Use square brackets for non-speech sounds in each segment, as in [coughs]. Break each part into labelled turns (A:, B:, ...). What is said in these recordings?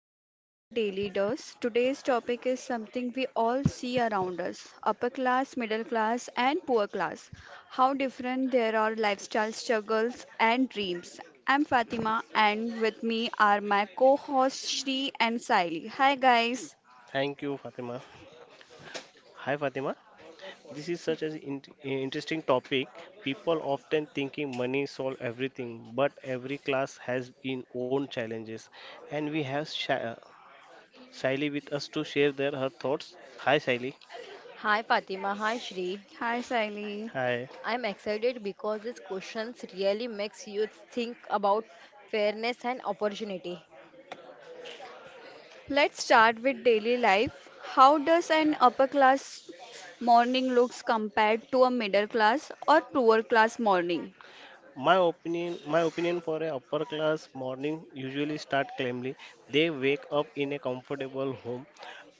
A: welcome to your daily dose. Today's topic is something we all see around us: upper class, middle class, and poor class. How different there are lifestyle, struggles and dreams. I'm Fatima, and with me are my co hosts Shri and Saili. Hi guys.
B: Thank you, Fatima. Hi, Fatima. This is such an interesting topic. People often thinking money solve everything, but every class has its own challenges, and we have Shaili with us to share their her thoughts. Hi, Shaili.
C: Hi Fatima, hi Shri.
A: Hi Saili.
B: Hi.
C: I'm excited because these questions really makes you think about fairness and opportunity.
A: Let's start with daily life. How does an upper class morning looks compared to a middle class or poor class morning?
B: My opinion for a upper class morning usually start calmly. They wake up in a comfortable home,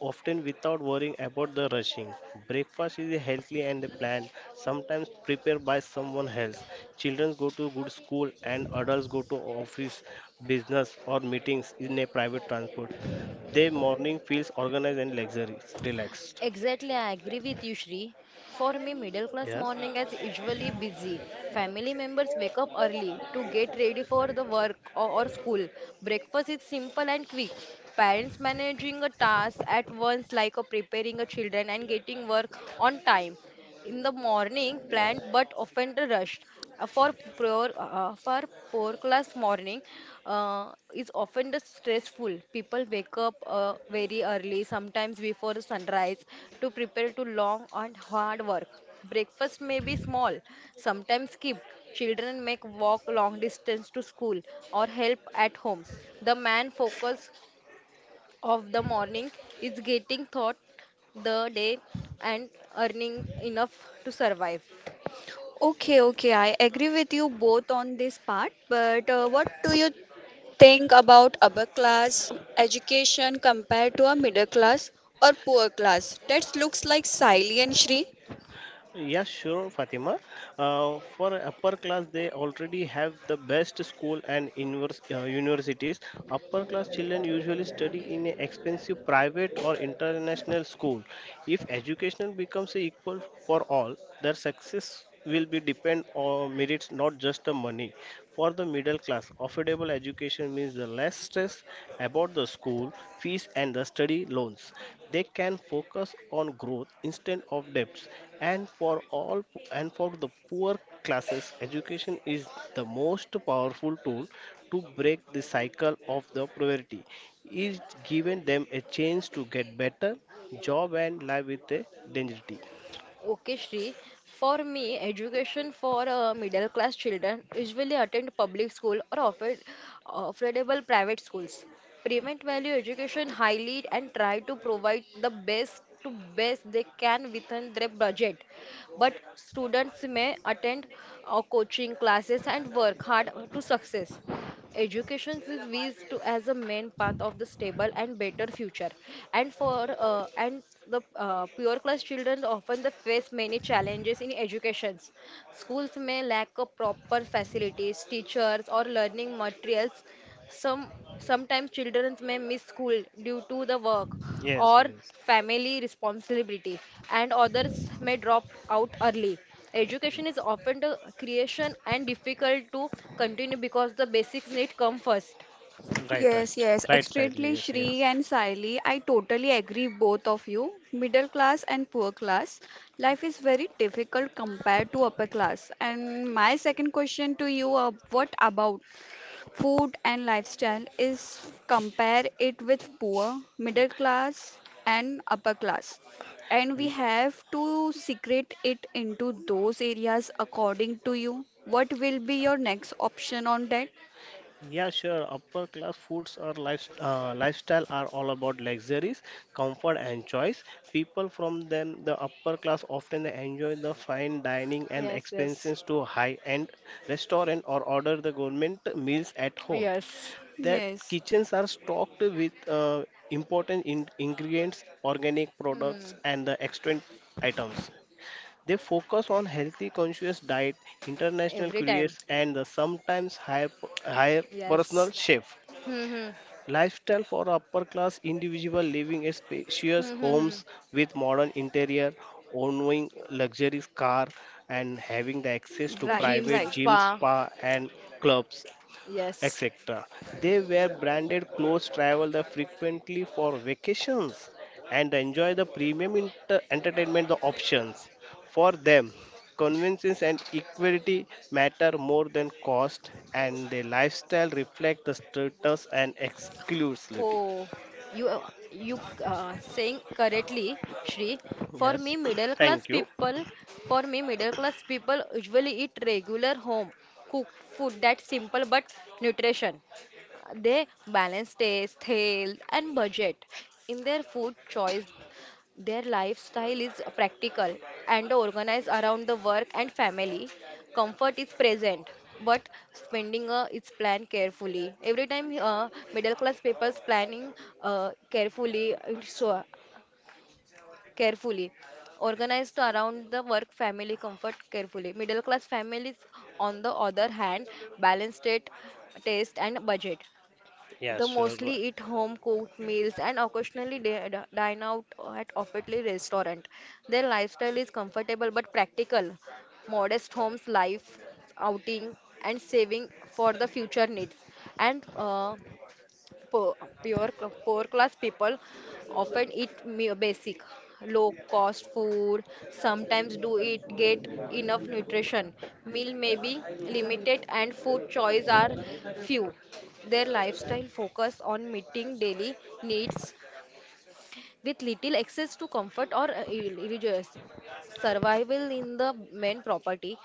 B: often without worrying about the rushing. Breakfast is healthy and planned, sometimes prepared by someone else. Children go to good school and adults go to office, business or meetings in a private transport. Their morning feels organized and luxurious, relaxed.
C: Exactly, I agree with you, Shri. For me, middle class
B: Yes.
C: morning is usually busy. Family members wake up early to get ready for the work or school. Breakfast is simple and quick. Parents managing a task at once like a preparing a children and getting work on time. In the morning planned but often rushed. Uh, for for poor class morning uh, is often the stressful. People wake up very early, sometimes before sunrise, to prepare to long and hard work. Breakfast may be small, sometimes skipped. Children make walk long distance to school or help at home. The man focus of the morning is getting thought the day and earning enough to survive.
A: Okay, okay, I agree with you both on this part, but what do you think about upper class education compared to a middle class or poor class? That looks like Siley and Shri.
B: Yes, sure, Fatima. For upper class, they already have the best school and universities. Upper class children usually study in a expensive private or international school. If education becomes equal for all, their success will be depend on merits, not just the money. For the middle class, affordable education means the less stress about the school fees and the study loans. They can focus on growth instead of debts. And for all and for the poor classes, education is the most powerful tool to break the cycle of the poverty. Is giving them a chance to get better job and live with a dignity.
C: Okay, Shri. For me, education for middle class children usually attend public school or offered affordable private schools. Prevent value education highly and try to provide the best to best they can within their budget. But students may attend coaching classes and work hard to success. Education is viewed to as a main path of the stable and better future, and for and the pure class children often they face many challenges in educations. Schools may lack of proper facilities, teachers, or learning materials. Some sometimes children may miss school due to the work
B: Yes,
C: or
B: yes.
C: family responsibility, and others may drop out early. Education is often the creation and difficult to continue because the basics need come first.
B: Right,
A: Yes,
B: right,
A: yes,
B: right side.
A: extremely
B: Yes,
A: Shri
B: yes.
A: and Siley, I totally agree both of you. Middle class and poor class, life is very difficult compared to upper class. And my second question to you, what about food and lifestyle is compare it with poor, middle class and upper class? And we
B: Ye-
A: have to secret it into those areas according to you. What will be your next option on that?
B: Yeah, sure. Upper class foods or lifestyle are all about luxuries, comfort, and choice. People from them, the upper class often enjoy the fine dining and
C: Yes, yes.
B: expenses to high-end restaurant or order the government meals at home.
C: Yes.
B: That
A: Yes,
B: kitchens are stocked with important ingredients, organic products,
C: Hmm.
B: and the extant items. They focus on healthy, conscious diet, international
C: Every time.
B: careers, and the sometimes higher
C: Yes.
B: personal chef.
C: Hmm, hmm.
B: Lifestyle for upper class individual living in spacious
C: Hmm, hmm, hmm.
B: homes with modern interior, owning luxurious car, and having the access to
A: right,
C: Gym,
B: private
A: right.
B: gyms,
C: spa.
B: spa, and clubs
C: Yes.
B: etc. They wear branded clothes, travel the frequently for vacations, and enjoy the premium entertainment the options. For them, convenience and equality matter more than cost, and their lifestyle reflect the status and exclusivity.
C: Oh, you you saying correctly, Shri. For
B: Yes,
C: me, middle
B: [clears throat]
C: class
B: thank you.
C: people, for me, middle class people usually eat regular home cooked food that's simple but nutrition. They balance taste, health, and budget in their food choice. Their lifestyle is practical and organized around the work and family. Comfort is present, but spending is planned carefully. Every time middle class people planning so carefully, organized around the work, family, comfort carefully. Middle class families, on the other hand, balanced it, taste and budget. They
B: Yes, sure.
C: mostly eat home cooked meals and occasionally dine out at officially restaurant. Their lifestyle is comfortable but practical, modest homes life, outing, and saving for the future needs. And poor, poor class people often eat basic low cost food, sometimes do it get enough nutrition. Meal may be limited and food choice are few. Their lifestyle focus on meeting daily needs, with little access to comfort or religious. Survival in the main property.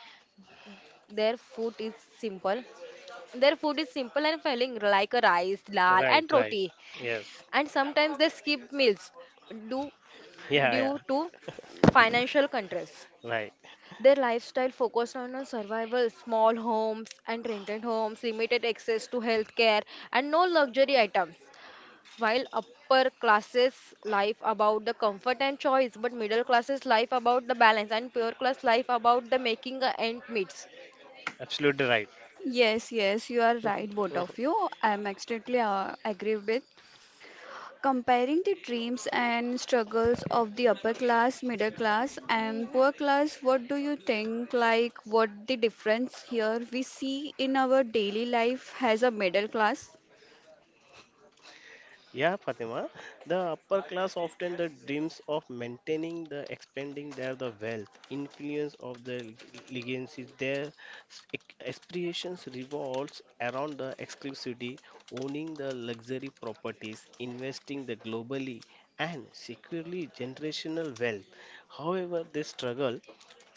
C: Their food is simple. Their food is simple and filling like a rice, dal
B: Right,
C: and
B: right.
C: roti,
B: Yes.
C: and sometimes they skip meals due,
B: Yeah,
C: due
B: yeah.
C: to financial constraints.
B: Right.
C: Their lifestyle focused on survival, small homes and rented homes, limited access to healthcare, and no luxury items. While upper classes life about the comfort and choice, but middle classes life about the balance, and poor class life about the making a end meets.
B: Absolutely right.
A: Yes, yes, you are right, both of
B: [laughs]
A: you. I'm extremely agree with. Comparing the dreams and struggles of the upper class, middle class, and poor class, what do you think? Like, what the difference here we see in our daily life as a middle class?
B: Yeah, Fatima. The upper class often the dreams of maintaining the expanding their the wealth, influence of the legacies. Their aspirations revolves around the exclusivity, owning the luxury properties, investing the globally, and securely generational wealth. However, they struggle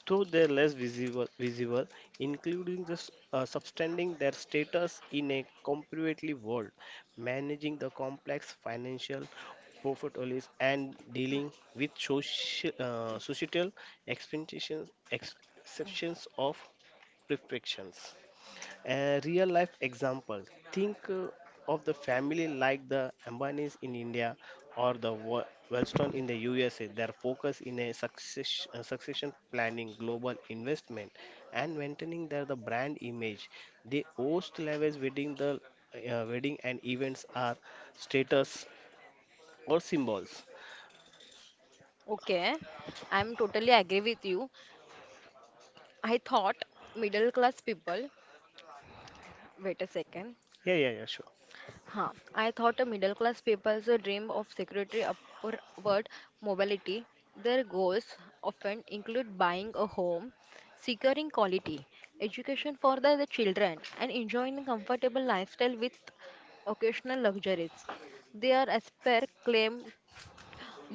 B: though they're less visible, including the substanding their status in a competitive world, managing the complex financial portfolios and dealing with societal expectations, exceptions of perfections. A real life example. Think of the family like the Ambanis in India or the Wellstone in the USA. Their focus in a succession planning, global investment, and maintaining their the brand image. They host lavish wedding and events are status or symbols.
C: Okay, I'm totally agree with you. I thought middle class people. Wait a second.
B: Yeah, yeah, yeah, sure.
C: Huh. I thought a middle class people's dream of security upward mobility. Their goals often include buying a home, securing quality education for the children, and enjoying a comfortable lifestyle with occasional luxuries. Their aspire claim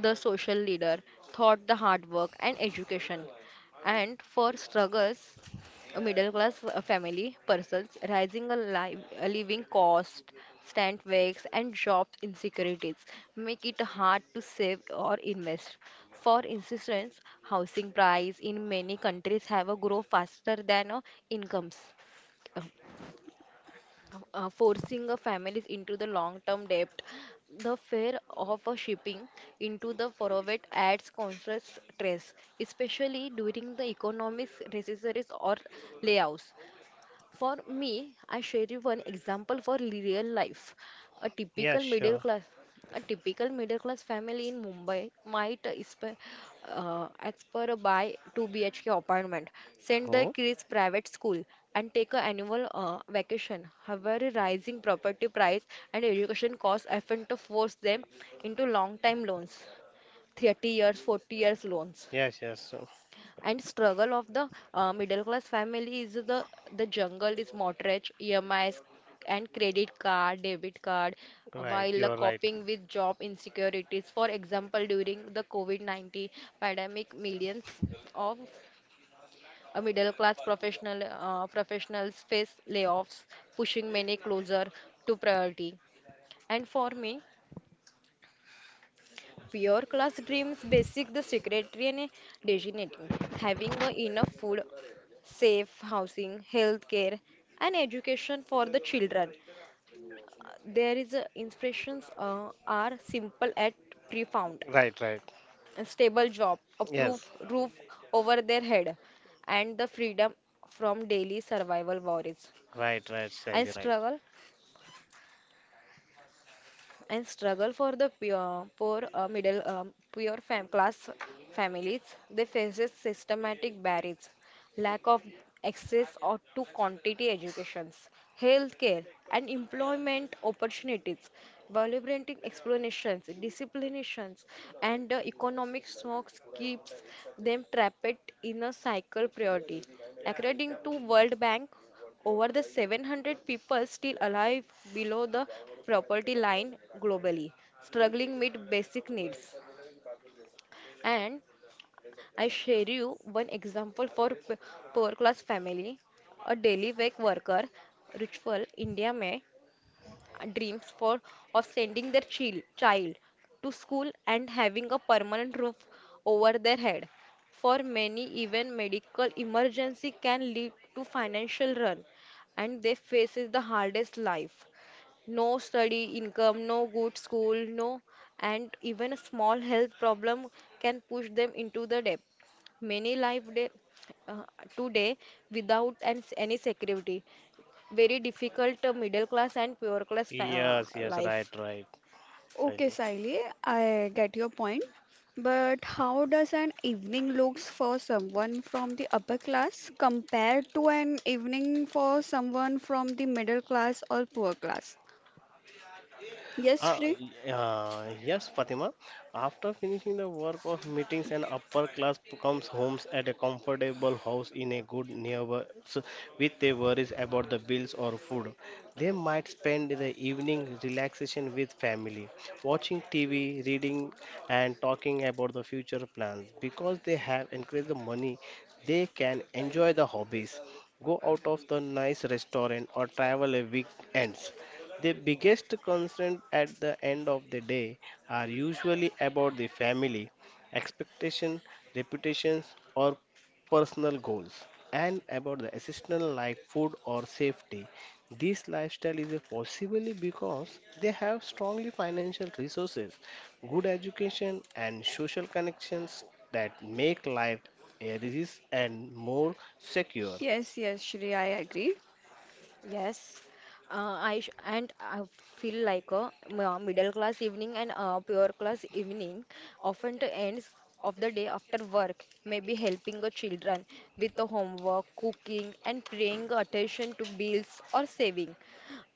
C: the social leader, thought the hard work and education. And for struggles, a middle class family persons rising a living cost, stand wakes, and job insecurities make it hard to save or invest. For instance, housing price in many countries have a grow faster than incomes. Uh, Forcing a families into the long-term debt. The fear of a shipping into the private adds constant stress, especially during the economic recesses or layoffs. For me, I share you one example for real life. A
B: Yeah,
C: typical middle
B: sure.
C: class, a typical middle class family in Mumbai might aspire a buy 2 BHK apartment, send their
B: Oh,
C: kids private school, and take a annual vacation. However, rising property price and education costs often to force them into long time loans, 30 years, 40 years loans,
B: yes, yes.
C: and struggle of the middle class family is the jungle is mortgage emis and credit card debit card,
B: Right,
C: while
B: you are right.
C: coping with job insecurities, for example during the covid-19 pandemic, millions of middle class professional professionals face layoffs, pushing many closer to poverty. And for me, your class dreams basic the secretary and designating, having a enough food, safe housing, health care, and education for the children. There is a inspirations are simple at profound.
B: Right, right.
C: A stable job, a
B: Yes,
C: proof roof over their head, and the freedom from daily survival worries.
B: right, right,
C: and
B: Sally, right.
C: struggle and struggle for the pure, poor middle pure class families, they faces systematic barriers, lack of access or to quantity educations, healthcare, and employment opportunities, violating explanations, disciplinations, and the economic shocks keeps them trapped in a cycle priority. According to World Bank, over the 700 people still alive below the poverty line globally, struggling with basic needs. And I share you one example for poor class family. A daily wage worker, ritual India, may dreams for of sending their child to school and having a permanent roof over their head. For many, even medical emergency can lead to financial run, and they faces the hardest life. No study income, no good school, no, and even a small health problem can push them into the debt. Many live uh, today without any security. Very difficult middle class and poor class
B: Yes, yes, right,
C: life.
B: right,
A: Okay,
B: Sally.
A: Saili, I get your point. But how does an evening looks for someone from the upper class compared to an evening for someone from the middle class or poor class? Yes,
B: Uh,
A: Shri.
B: yes, Fatima. After finishing the work of meetings, an upper class comes homes at a comfortable house in a good neighbors with their worries about the bills or food. They might spend the evening relaxation with family, watching TV, reading, and talking about the future plans. Because they have increased the money, they can enjoy the hobbies, go out of the nice restaurant, or travel a weekends. The biggest concerns at the end of the day are usually about the family, expectation, reputations, or personal goals, and about the essential like food or safety. This lifestyle is a possibly because they have strongly financial resources, good education, and social connections that make life a risk and more secure.
A: Yes, yes, Shri, I agree.
C: Yes, I sh and I feel like a middle class evening and a pure class evening often to ends of the day after work, maybe helping the children with the homework, cooking, and paying attention to bills or saving.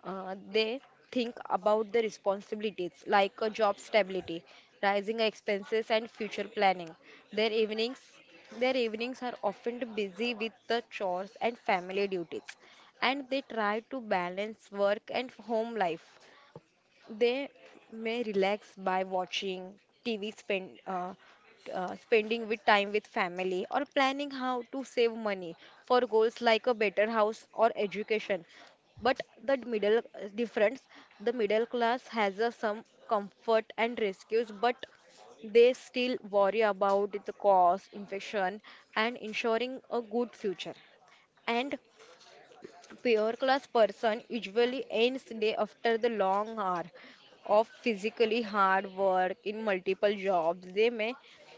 C: They think about the responsibilities like a job stability, rising expenses, and future planning. Their evenings. Their evenings are often busy with the chores and family duties, and they try to balance work and home life. They may relax by watching TV, spending with time with family, or planning how to save money for goals like a better house or education. But the middle class has some comfort and rescues, but they still worry about the cost, inflation, and ensuring a good future. And pure class person usually ends day after the long hour of physically hard work in multiple jobs. They may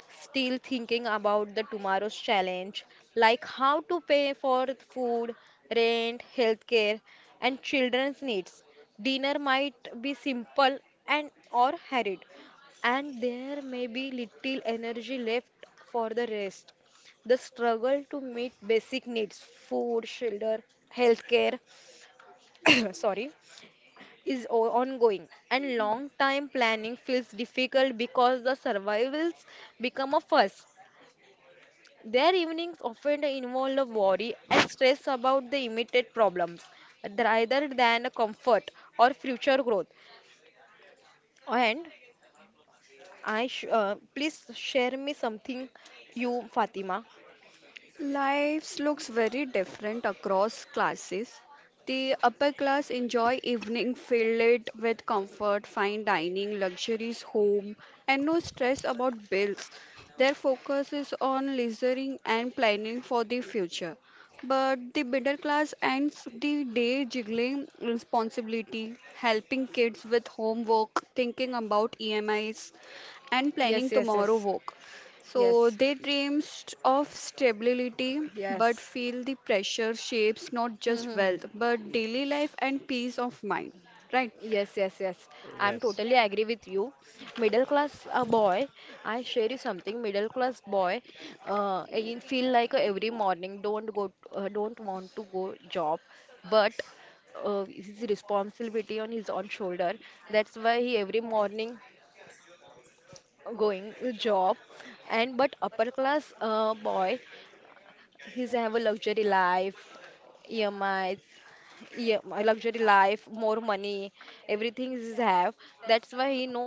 C: still thinking about the tomorrow's challenge, like how to pay for food, rent, healthcare, and children's needs. Dinner might be simple and or hurried, and there may be little energy left for the rest. The struggle to meet basic needs, food, shelter, healthcare, [coughs] sorry, is ongoing, and long time planning feels difficult because the survivals become a fuss. Their evenings often involve a worry and stress about the immediate problems, rather than a comfort or future growth. And please share me something, you Fatima.
A: Lives looks very different across classes. The upper class enjoy evening filled with comfort, fine dining, luxuries home, and no stress about bills. Their focus is on leisuring and planning for the future. But the middle class ends the day juggling responsibility, helping kids with homework, thinking about EMIs, and planning
C: Yes, yes,
A: tomorrow
C: yes.
A: work. So
C: Yes,
A: they dreams of stability but
C: yes. [laughs]
A: feel the pressure shapes not
C: Hmm,
A: just
C: hmm, hmm.
A: wealth but daily life and peace of mind. Right.
C: Yes, yes, yes. I'm totally agree with you. Middle class boy, I share you something. Middle class boy, you feel like every morning don't want to go job, but his responsibility on his own shoulder. That's why he every morning going job. And but upper class boy, he's have a luxury life, EMIs, yeah, my luxury life, more money, everything is have. That's why he no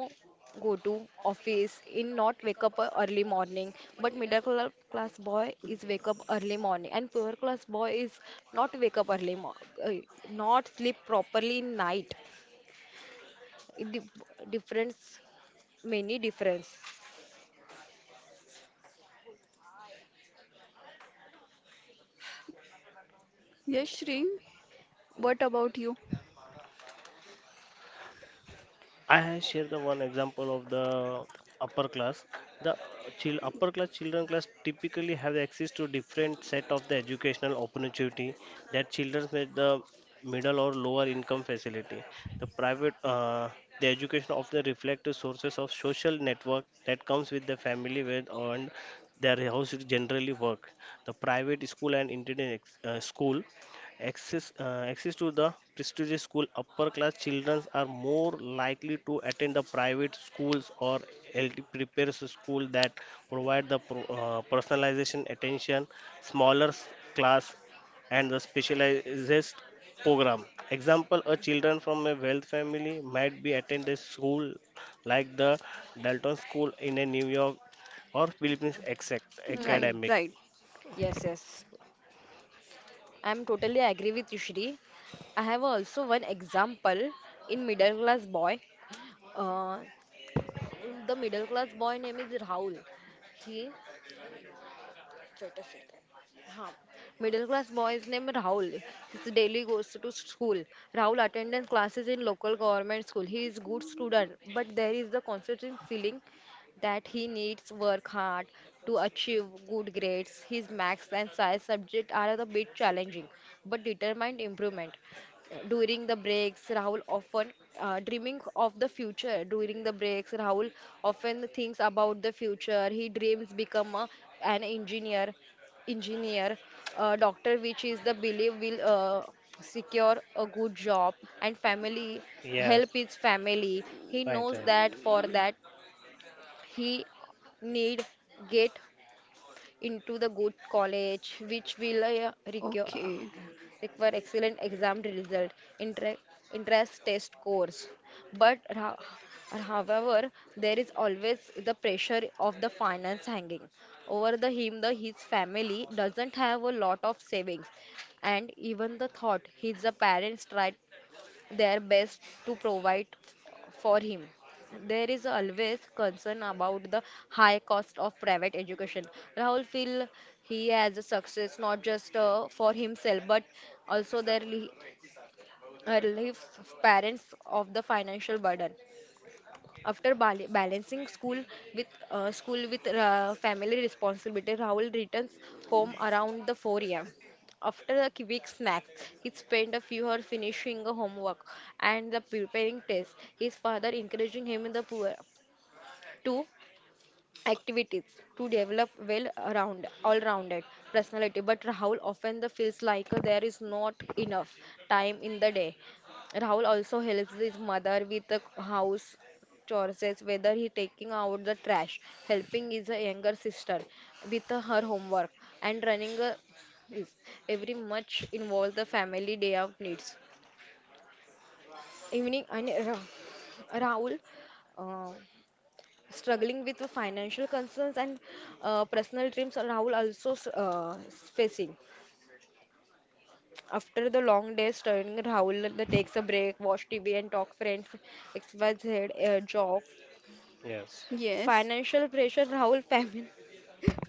C: go to office, in not wake up early morning. But middle class boy is wake up early morning, and poor class boy is not wake up early, mo uh, not sleep properly in night. It difference, many difference.
A: Yes, Shri, what about you?
B: I share the one example of the upper class. The upper class children class typically have access to different set of the educational opportunity that children with the middle or lower income facility. The private the education of the sources of social network that comes with the family with and their house is generally work. The private school and internet school access, access to the prestigious school, upper class children are more likely to attend the private schools or LT prepares school that provide the personalization attention, smaller class, and the specialized program. Example: A children from a wealth family might be attend a school like the Dalton School in a New York or Philippines exact
A: Right,
C: Hmm.
B: academic.
A: right.
C: Yes, yes. I'm totally agree with you, Shri. I have also one example in middle class boy. Uh, the middle class boy name is Rahul. He हाँ middle class boy is named Rahul. His daily goes to school. Rahul attends classes in local government school. He is good student, but there is the constant feeling that he needs work hard to achieve good grades. His maths and science subject are a bit challenging, but determined improvement. During the breaks, Rahul often dreaming of the future. During the breaks, Rahul often thinks about the future. He dreams become a, an engineer, doctor, which is the belief will secure a good job and family,
B: Yes,
C: help his family. He
B: right,
C: knows
B: right.
C: that for that he need get into the good college, which will
A: Okay.
C: require excellent exam result, inter- interest test course. But however, there is always the pressure of the finance hanging over the him. The his family doesn't have a lot of savings, and even the thought his parents tried their best to provide for him. There is always concern about the high cost of private education. Rahul feel he has a success not just for himself but also relieves parents of the financial burden. After balancing school with family responsibility, Rahul returns home around the 4 a.m. After a quick snack, he spent a few hours finishing the homework and the preparing test. His father encouraging him in the poor, to activities to develop well around all rounded personality, but rahul often the feels like there is not enough time in the day. Rahul also helps his mother with the house chores, whether he taking out the trash, helping his younger sister with her homework and running a, is every much involve the family day of needs evening. And rahul, uh, struggling with the financial concerns and personal dreams are Rahul also facing. After the long day studying, Rahul the takes a break, watch TV and talk friends, XYZ jog.
B: Yes.
A: Yes.
C: Financial pressure Rahul [laughs]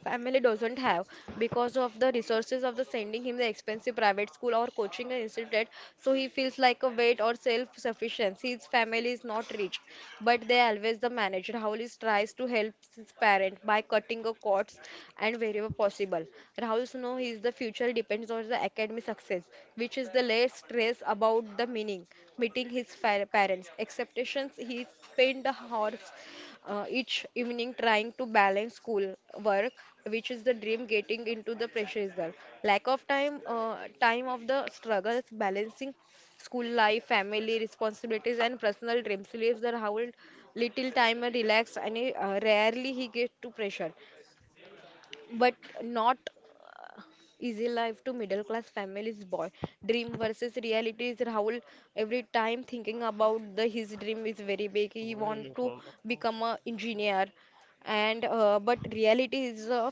C: Family doesn't have because of the resources of the sending him the expensive private school or coaching institute. So he feels like a weight or self-sufficiency. His family is not rich, but they always the manage. Rahul is tries to help his parent by cutting a costs and wherever possible. Rahul know his the future depends on the academic success, which is the less stress about the meaning meeting his parents' expectations. He spent hours each evening trying to balance school work, which is the dream, getting into the pressure is there. Lack of time, time of the struggles, balancing school life, family responsibilities, and personal dreams. He leaves the house little time and relax, and he, rarely he gets to pressure, but not easy life to middle class families boy. Dream versus reality is rahul every time thinking about the his dream is very big. He want
B: Very
C: to
B: fond.
C: become a engineer, and but reality is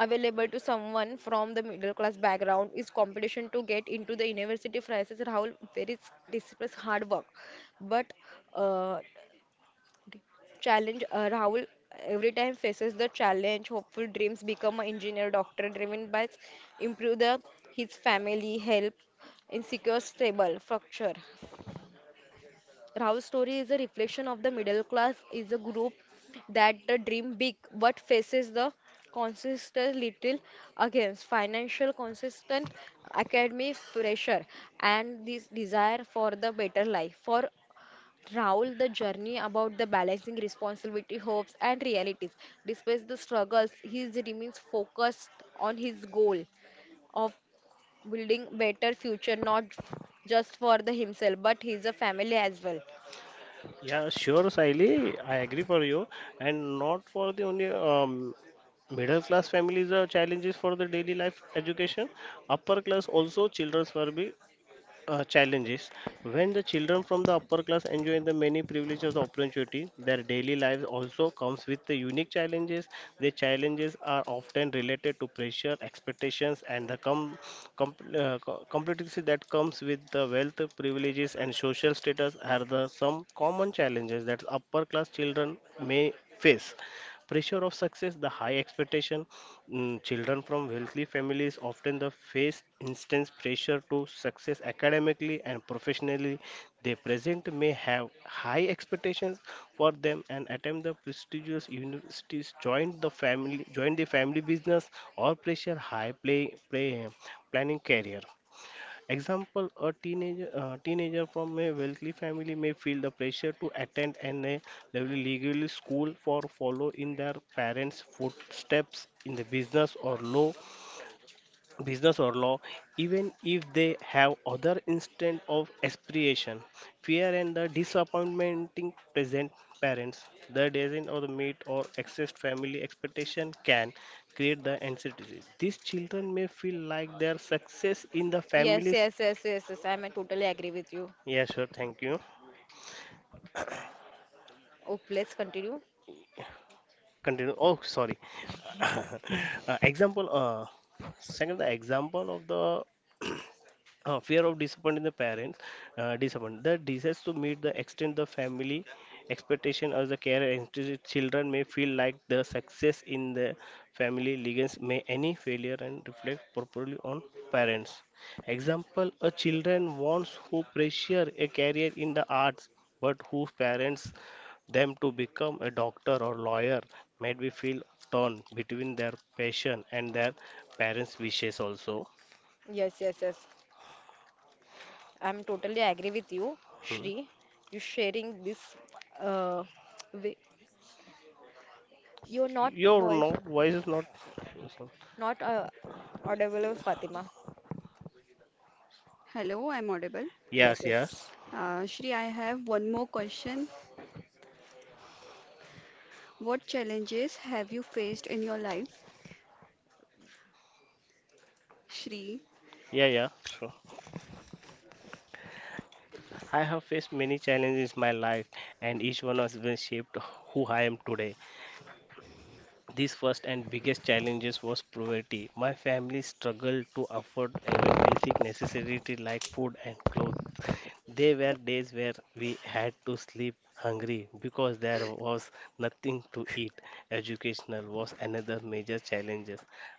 C: available to someone from the middle class background is competition to get into the university prices rahul very discipline hard work, but uh, challenge, rahul every time faces the challenge hopeful dreams become an engineer doctor driven by improve the his family help insecure stable structure. Rahul's story is a reflection of the middle class is a group that dream big but faces the consistent little against financial consistent academy pressure and this desire for the better life for Raul, the journey about the balancing responsibility, hopes, and realities. Despite the struggles, he remains focused on his goal of building better future, not f- just for the himself, but his a family as well.
B: Yeah, sure, Saili. I agree for you, and not for the only middle class families. The challenges for the daily life education. Upper class also childrens will be challenges. When the children from the upper class enjoy the many privileges of opportunity, their daily lives also comes with the unique challenges. The challenges are often related to pressure, expectations, and the complexity that comes with the wealth, privileges, and social status are the some common challenges that upper class children may face pressure of success the high expectation. Mm, children from wealthy families often the face intense pressure to success academically and professionally. They present may have high expectations for them and attempt the prestigious universities join the family business or pressure high play planning career. Example, a teenager from a wealthy family may feel the pressure to attend an legal school for follow in their parents' footsteps in the business or law, even if they have other instant of aspiration, fear and the disappointing present parents, the design or the meet or excess family expectation can create the anxiety. These children may feel like their success in the
C: Yes,
B: families.
C: yes, yes, yes, yes. I'm totally agree with you.
B: Yeah, sure. Thank you.
C: Oh, please continue.
B: Continue. Oh, sorry. [coughs] [laughs] Example. Second, the example of the fear of disappointing the parents, disappointment. The desires to meet the extent the family expectation as the care institute children may feel like the success in the family legacy may any failure and reflect properly on parents. Example, a children wants who pressure a career in the arts, but whose parents them to become a doctor or lawyer made me feel torn between their passion and their parents' wishes also.
C: Yes, yes, yes. I'm totally agree with you,
B: Hmm.
C: Shri. You sharing this. Uh, wi- you're not
B: Your no
C: voice,
B: voice is not.
C: not audible, Fatima.
A: Hello, I'm audible.
B: Yes,
C: Yes,
B: yes.
C: yes.
A: Shri, I have one more question. What challenges have you faced in your life, Shri?
B: Yeah, yeah, sure. I have faced many challenges in my life, and each one has been shaped who I am today. This first and biggest challenges was poverty. My family struggled to afford even basic necessities like food and clothes. There were days where we had to sleep hungry because there was nothing to eat. Educational was another major challenge.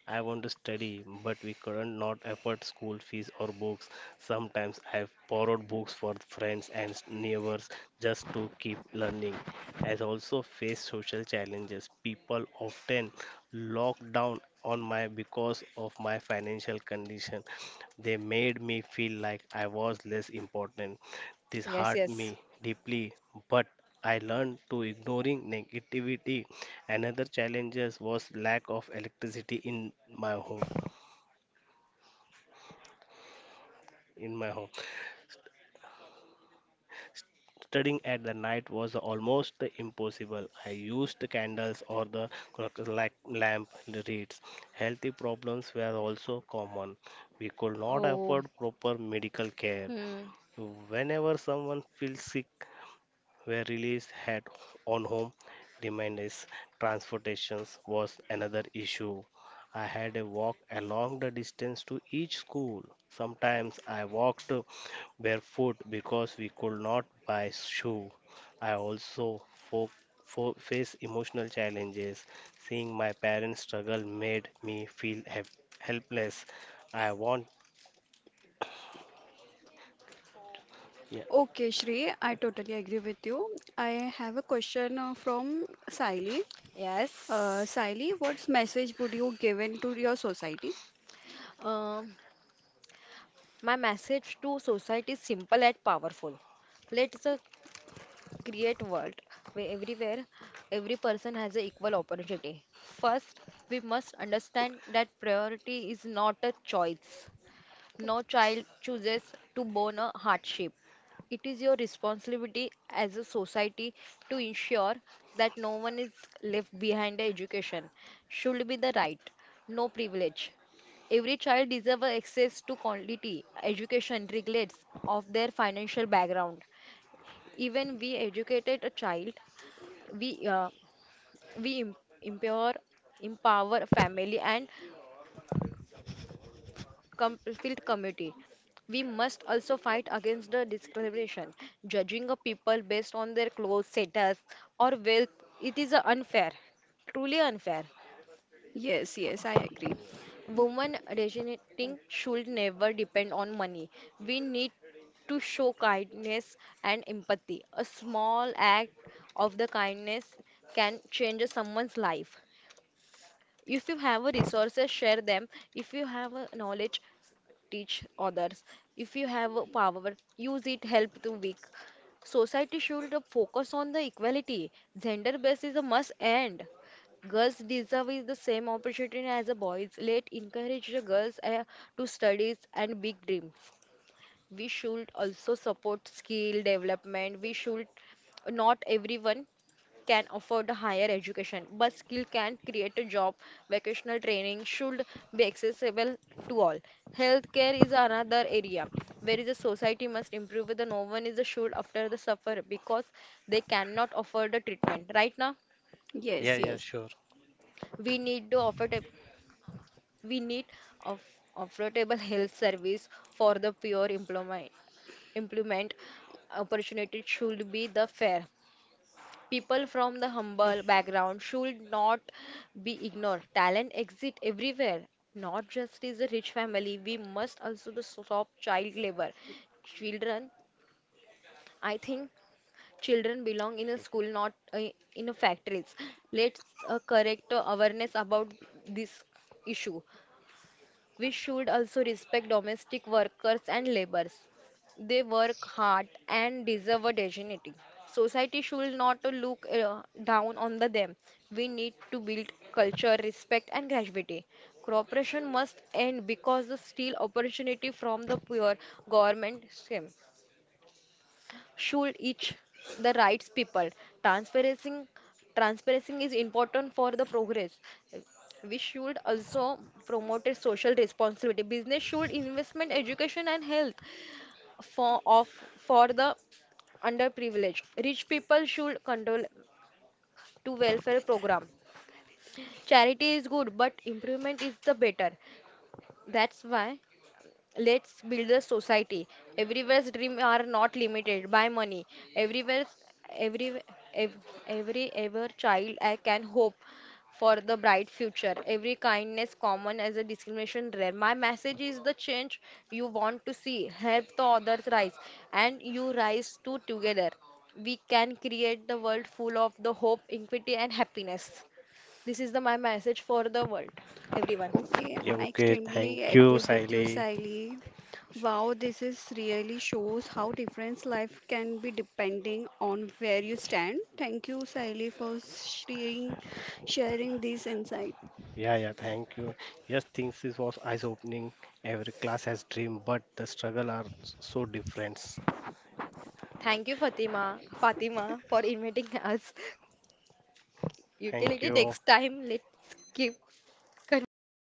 B: I want to study, but we couldn't not afford school fees or books. Sometimes I borrowed books for friends and neighbors just to keep learning. As also faced social challenges. People often locked down on my because of my financial condition. They made me feel like I was less important. This
C: Yes,
B: hurt
C: yes.
B: me deeply, but I learned to ignoring negativity. Another challenges was lack of electricity in my home. In my home, studying at the night was almost impossible. I used the candles or the clock-like lamp reads. Healthy problems were also common. We could not
C: Oh,
B: afford proper medical care.
C: hmm.
B: Whenever someone feels sick, where release had on home reminders. Transportations was another issue. I had a walk along the distance to each school. Sometimes I walked barefoot because we could not buy shoe. I also fo- face emotional challenges. Seeing my parents struggle made me feel helpless. I want. Yeah,
A: Okay, Shri, I totally agree with you. I have a question from Saili.
C: Yes.
A: Saili, what message would you give in to your society?
C: Um, my message to society is simple and powerful. Let's create world where everywhere every person has an equal opportunity. First, we must understand that priority is not a choice. No child chooses to born a hardship. It is your responsibility as a society to ensure that no one is left behind. Education should be the right, no privilege. Every child deserves access to quality education regardless of their financial background. Even we educated a child, we uh, we empower, empower family and field committee. We must also fight against the discrimination. Judging a people based on their clothes, status, or wealth, it is a unfair, truly unfair.
A: Yes, yes, I agree.
C: Women originating should never depend on money. We need to show kindness and empathy. A small act of the kindness can change someone's life. If you have a resources, share them. If you have a knowledge, teach others. If you have a power, use it, help the weak. Society should focus on the equality. Gender based is a must end. Girls deserve is the same opportunity as the boys. Let encourage the girls to studies and big dreams. We should also support skill development. We should not everyone can afford a higher education, but skill can create a job. Vocational training should be accessible to all. Healthcare is another area where the society must improve. The no one is should after the suffer because they cannot afford the treatment. Right now,
B: yeah,
A: Yes,
B: yeah,
A: yes.
B: sure.
C: we need to offer a- we need of affordable health service for the pure employment. Implement opportunity should be the fair. People from the humble background should not be ignored. Talent exists everywhere, not just is a rich family. We must also the stop child labor. Children, I think children belong in a school, not in a factories. Let's correct awareness about this issue. We should also respect domestic workers and laborers. They work hard and deserve a dignity. Society should not look down on the them. We need to build culture, respect, and gravity. Cooperation must end because the steal opportunity from the poor government scheme should each the rights people. Transparency, Transparency is important for the progress. We should also promote a social responsibility. Business should investment, education, and health for of for the underprivileged. Rich people should control to welfare program. Charity is good, but improvement is the better. That's why. Let's build a society. Everywhere's dreams are not limited by money. Everywhere's every ev, every ever child I can hope for the bright future. Every kindness common as a discrimination rare. My message is the change you want to see. Help the others rise, and you rise too together. We can create the world full of the hope, equity, and happiness. This is the my message for the world, everyone's.
A: Okay,
B: Yeah,
A: I
B: okay, thank
A: extremely
B: you,
A: agree with you,
B: Siley.
A: Saili. Wow, this is really shows how different life can be depending on where you stand. Thank you, Saili, for sharing this insight.
B: Yeah, yeah, thank you. Yes, things this was eye-opening. Every class has dream, but the struggle are so different.
C: Thank you, Fatima, for inviting us. [laughs]
B: Thank
C: Utility
B: you.
C: next time. Let's keep conversation.